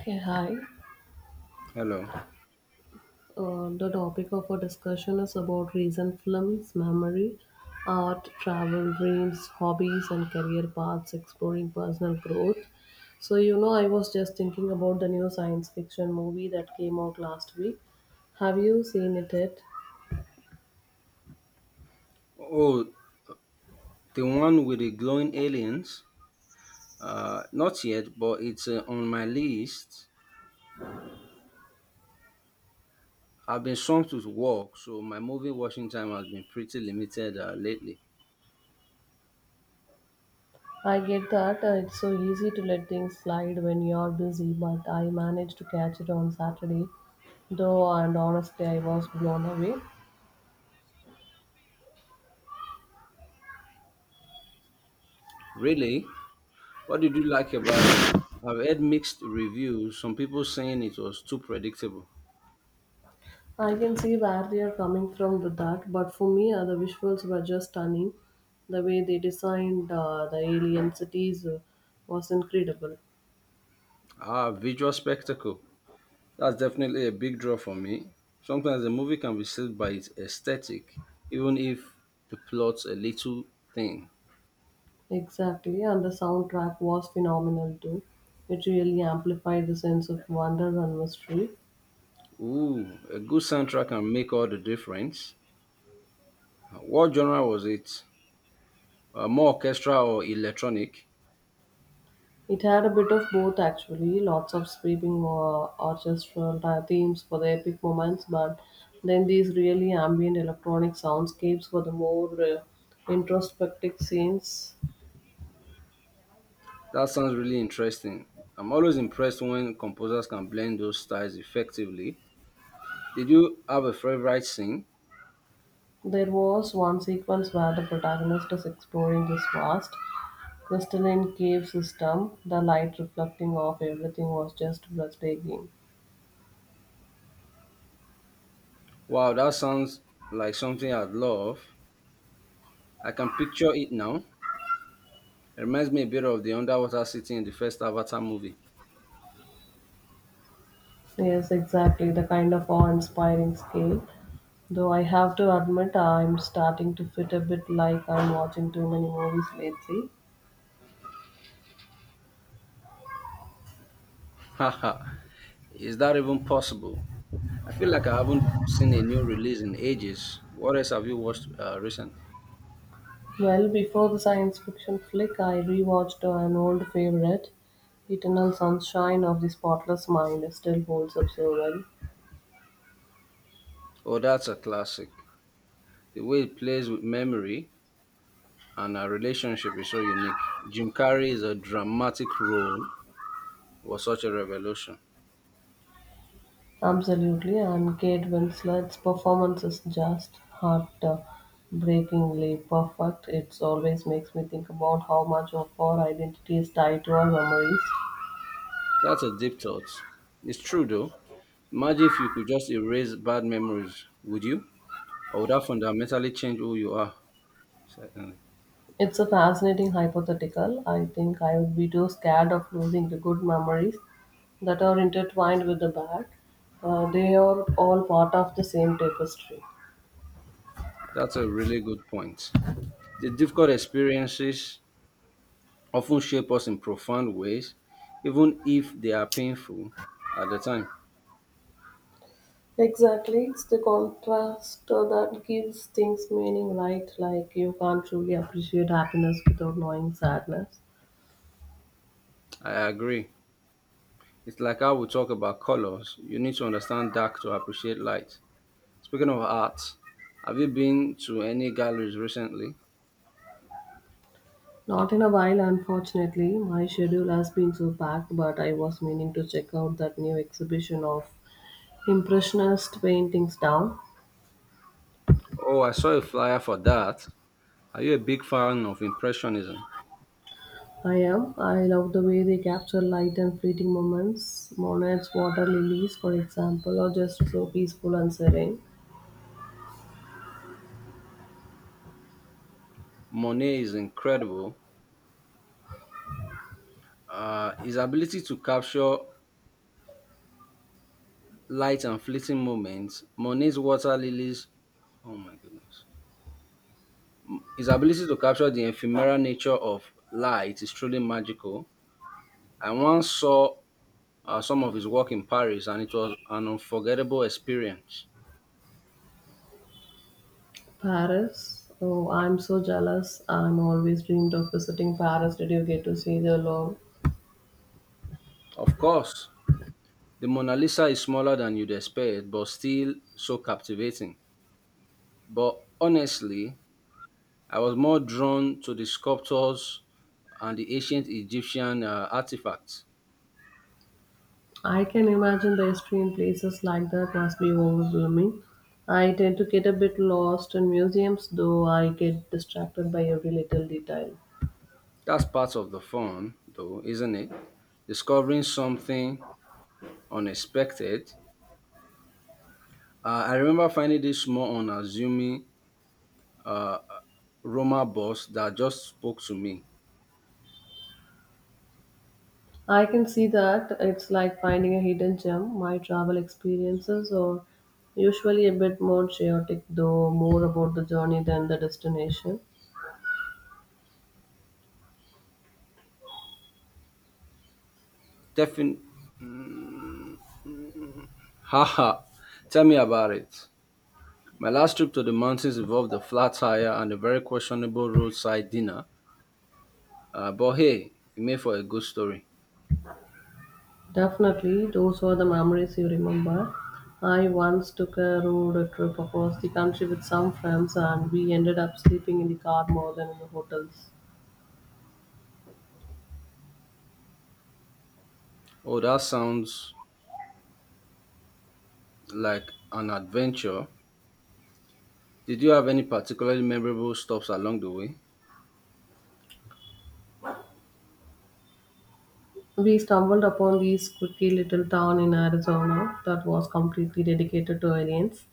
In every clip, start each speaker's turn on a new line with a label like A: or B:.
A: Okay, hi.
B: Hello.
A: The topic of our discussion is about recent films, memory, art, travel, dreams, hobbies, and career paths, exploring personal growth. So, you know, I was just thinking about the new science fiction movie that came out last week. Have you seen it yet?
B: Oh, the one with the glowing aliens? Not yet, but it's on my list. I've been swamped with work, so my movie watching time has been pretty limited lately.
A: I get that it's so easy to let things slide when you're busy, but I managed to catch it on Saturday, though, and honestly, I was blown away.
B: Really? What did you like about it? I've heard mixed reviews, some people saying it was too predictable.
A: I can see where they are coming from with that, but for me, the visuals were just stunning. The way they designed the alien cities was incredible.
B: Ah, visual spectacle. That's definitely a big draw for me. Sometimes a movie can be saved by its aesthetic, even if the plot's a little thin.
A: Exactly, and the soundtrack was phenomenal too. It really amplified the sense of wonder and mystery.
B: Ooh, a good soundtrack can make all the difference. What genre was it? More orchestral or electronic?
A: It had a bit of both actually, lots of sweeping orchestral themes for the epic moments, but then these really ambient electronic soundscapes for the more introspective scenes.
B: That sounds really interesting. I'm always impressed when composers can blend those styles effectively. Did you have a favorite scene?
A: There was one sequence where the protagonist is exploring this vast, crystalline cave system. The light reflecting off everything was just breathtaking.
B: Wow, that sounds like something I'd love. I can picture it now. It reminds me a bit of the underwater city in the first Avatar movie.
A: Yes, exactly, the kind of awe inspiring scale. Though I have to admit, I'm starting to fit a bit like I'm watching too many movies lately.
B: Haha, is that even possible? I feel like I haven't seen a new release in ages. What else have you watched recently?
A: Well, before the science fiction flick, I rewatched an old favorite, Eternal Sunshine of the Spotless Mind. It still holds up so well.
B: Oh, that's a classic. The way it plays with memory and our relationship is so unique. Jim Carrey's a dramatic role was such a revolution.
A: Absolutely, and Kate Winslet's performance is just heart-breakingly perfect. It always makes me think about how much of our identity is tied to our memories.
B: That's a deep thought. It's true though. Imagine if you could just erase bad memories, would you? Or would that fundamentally change who you are? Certainly.
A: It's a fascinating hypothetical. I think I would be too scared of losing the good memories that are intertwined with the bad. They are all part of the same tapestry.
B: That's a really good point. The difficult experiences often shape us in profound ways, even if they are painful at the time.
A: Exactly, it's the contrast that gives things meaning, right? Like you can't truly appreciate happiness without knowing sadness.
B: I agree. It's like how we talk about colors. You need to understand dark to appreciate light. Speaking of art, have you been to any galleries recently?
A: Not in a while, unfortunately. My schedule has been so packed, but I was meaning to check out that new exhibition of Impressionist paintings down.
B: Oh, I saw a flyer for that. Are you a big fan of Impressionism?
A: I am. I love the way they capture light and fleeting moments. Monet's water lilies, for example, are just so peaceful and serene.
B: Monet is incredible. His ability to capture light and fleeting moments, Monet's water lilies, oh my goodness. His ability to capture the ephemeral nature of light is truly magical. I once saw some of his work in Paris, and it was an unforgettable experience.
A: Paris? Oh, I'm so jealous. I'm always dreamed of visiting Paris. Did you get to see the Louvre?
B: Of course, the Mona Lisa is smaller than you'd expect, but still so captivating. But honestly, I was more drawn to the sculptures and the ancient Egyptian artifacts.
A: I can imagine the history in places like that must be overwhelming. I tend to get a bit lost in museums, though I get distracted by every little detail.
B: That's part of the fun, though, isn't it? Discovering something unexpected. I remember finding this small, unassuming Roma boss that just spoke to me.
A: I can see that it's like finding a hidden gem. My travel experiences are usually a bit more chaotic, though more about the journey than the destination.
B: Defin- Haha, Tell me about it. My last trip to the mountains involved a flat tire and a very questionable roadside dinner. But hey, it made for a good story.
A: Definitely, those were the memories you remember. I once took a road trip across the country with some friends, and we ended up sleeping in the car more than in the hotels.
B: Oh, that sounds like an adventure. Did you have any particularly memorable stops along the way?
A: We stumbled upon this quirky little town in Arizona that was completely dedicated to aliens.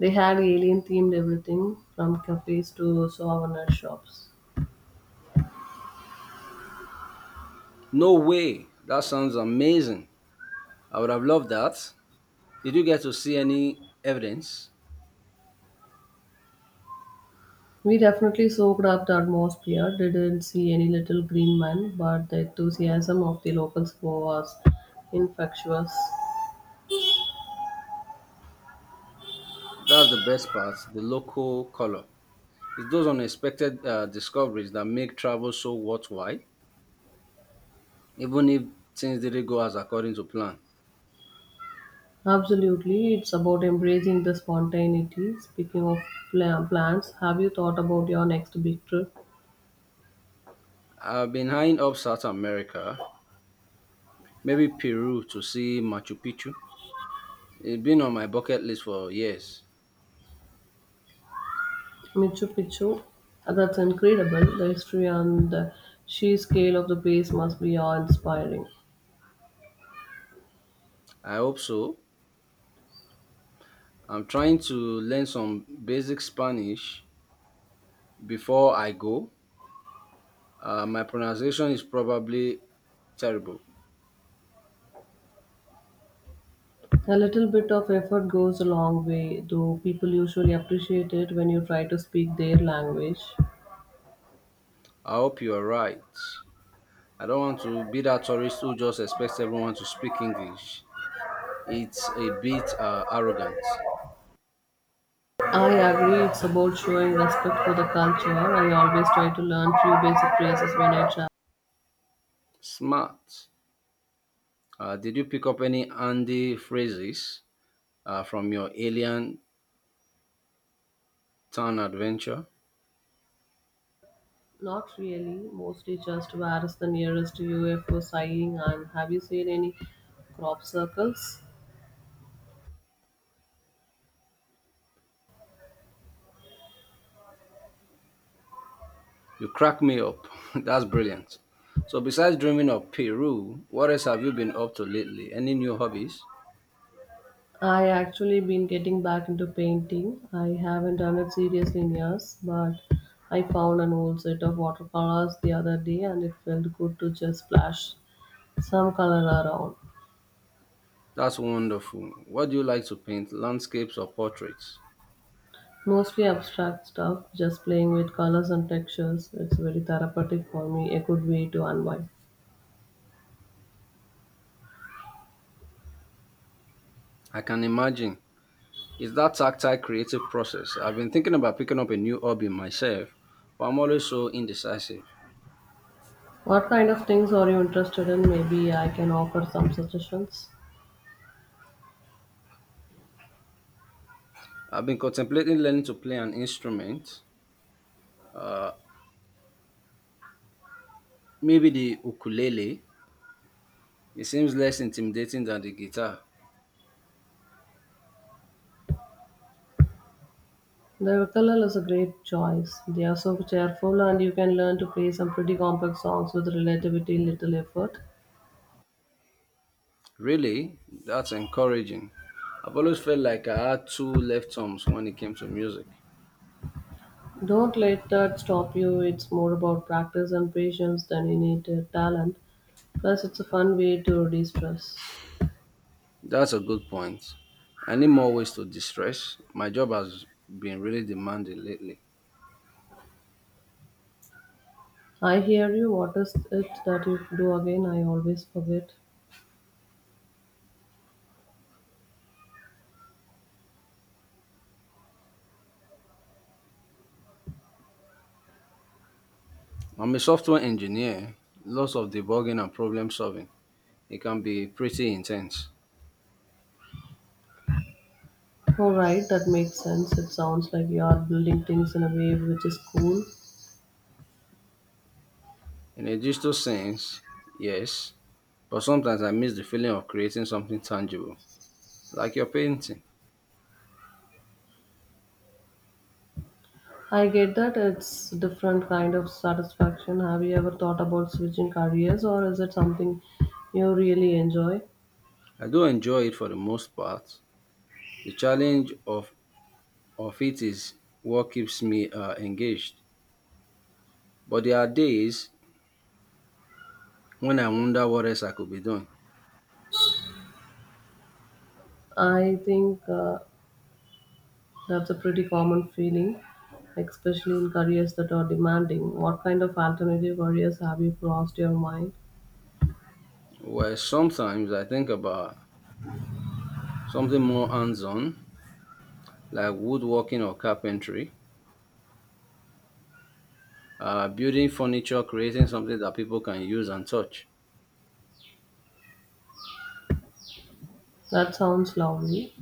A: They had alien themed everything from cafes to souvenir shops.
B: No way! That sounds amazing. I would have loved that. Did you get to see any evidence?
A: We definitely soaked up the atmosphere, didn't see any little green man, but the enthusiasm of the locals was infectious.
B: That's the best part the local color. It's those unexpected discoveries that make travel so worthwhile, even if things didn't go as according to plan.
A: Absolutely, it's about embracing the spontaneity. Speaking of plans, have you thought about your next big trip?
B: I've been eyeing up South America, maybe Peru to see Machu Picchu. It's been on my bucket list for years.
A: Machu Picchu, that's incredible. The history and the sheer scale of the place must be awe inspiring.
B: I hope so. I'm trying to learn some basic Spanish before I go. My pronunciation is probably terrible.
A: A little bit of effort goes a long way, though people usually appreciate it when you try to speak their language.
B: I hope you are right. I don't want to be that tourist who just expects everyone to speak English. It's a bit arrogant.
A: I agree, it's about showing respect for the culture. I always try to learn few basic phrases when I travel.
B: Smart. Did you pick up any handy phrases from your alien town adventure?
A: Not really, mostly just where's the nearest UFO sighting and have you seen any crop circles?
B: You crack me up. That's brilliant. So, besides dreaming of Peru, what else have you been up to lately? Any new hobbies?
A: I actually been getting back into painting. I haven't done it seriously in years, but I found an old set of watercolors the other day and it felt good to just splash some color around.
B: That's wonderful. What do you like to paint? Landscapes or portraits?
A: Mostly abstract stuff, just playing with colors and textures. It's very therapeutic for me, a good way to unwind.
B: I can imagine. It's that tactile creative process. I've been thinking about picking up a new hobby myself, but I'm always so indecisive.
A: What kind of things are you interested in? Maybe I can offer some suggestions.
B: I've been contemplating learning to play an instrument, uh, maybe the ukulele. It seems less intimidating than the guitar.
A: The ukulele is a great choice. They are so cheerful and you can learn to play some pretty complex songs with relatively little effort.
B: Really? That's encouraging. I've always felt like I had two left arms when it came to music.
A: Don't let that stop you. It's more about practice and patience than innate talent. Plus, it's a fun way to de-stress.
B: That's a good point. I need more ways to distress. My job has been really demanding lately.
A: I hear you. What is it that you do again? I always forget.
B: I'm a software engineer, lots of debugging and problem solving. It can be pretty intense.
A: All right, that makes sense. It sounds like you are building things in a way which is cool.
B: In a digital sense, yes, but sometimes I miss the feeling of creating something tangible, like your painting.
A: I get that it's different kind of satisfaction. Have you ever thought about switching careers or is it something you really enjoy?
B: I do enjoy it for the most part. The challenge of it is what keeps me engaged. But there are days when I wonder what else I could be doing.
A: I think that's a pretty common feeling, especially in careers that are demanding. What kind of alternative careers have you crossed your mind?
B: Well, sometimes I think about something more hands-on, like woodworking or carpentry, building furniture, creating something that people can use and touch.
A: That sounds lovely.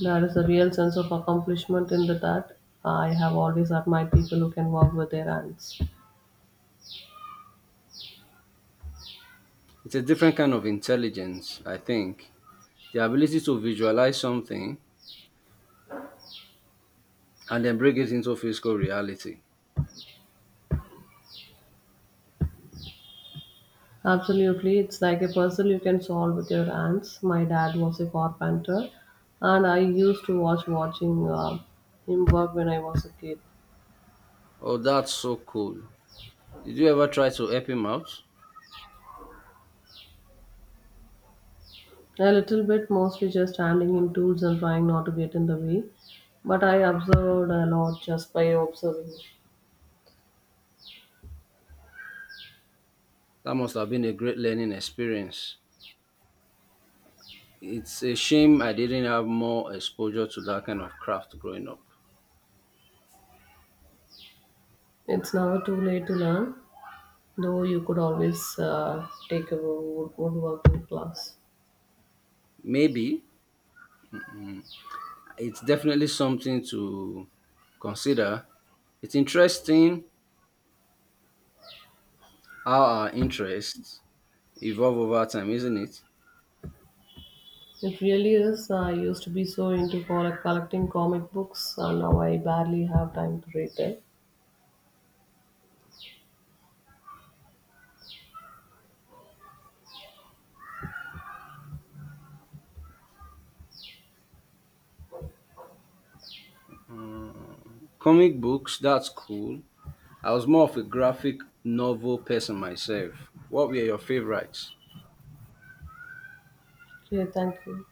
A: There is a real sense of accomplishment in the that. I have always admired people who can work with their hands.
B: It's a different kind of intelligence, I think. The ability to visualize something and then bring it into physical reality.
A: Absolutely, it's like a puzzle you can solve with your hands. My dad was a carpenter, and I used to watch watching him work when I was a kid.
B: Oh, that's so cool. Did you ever try to help him out?
A: A little bit, mostly just handing him tools and trying not to get in the way. But I observed a lot just by observing.
B: That must have been a great learning experience. It's a shame I didn't have more exposure to that kind of craft growing up.
A: It's never too late to learn, though you could always take a woodworking class.
B: Maybe it's definitely something to consider. It's interesting how our interests evolve over time, isn't it?
A: It really is. I used to be so into collecting comic books, and now I barely have time to read them.
B: Comic books, that's cool. I was more of a graphic novel person myself. What were your favorites?
A: Okay, thank you.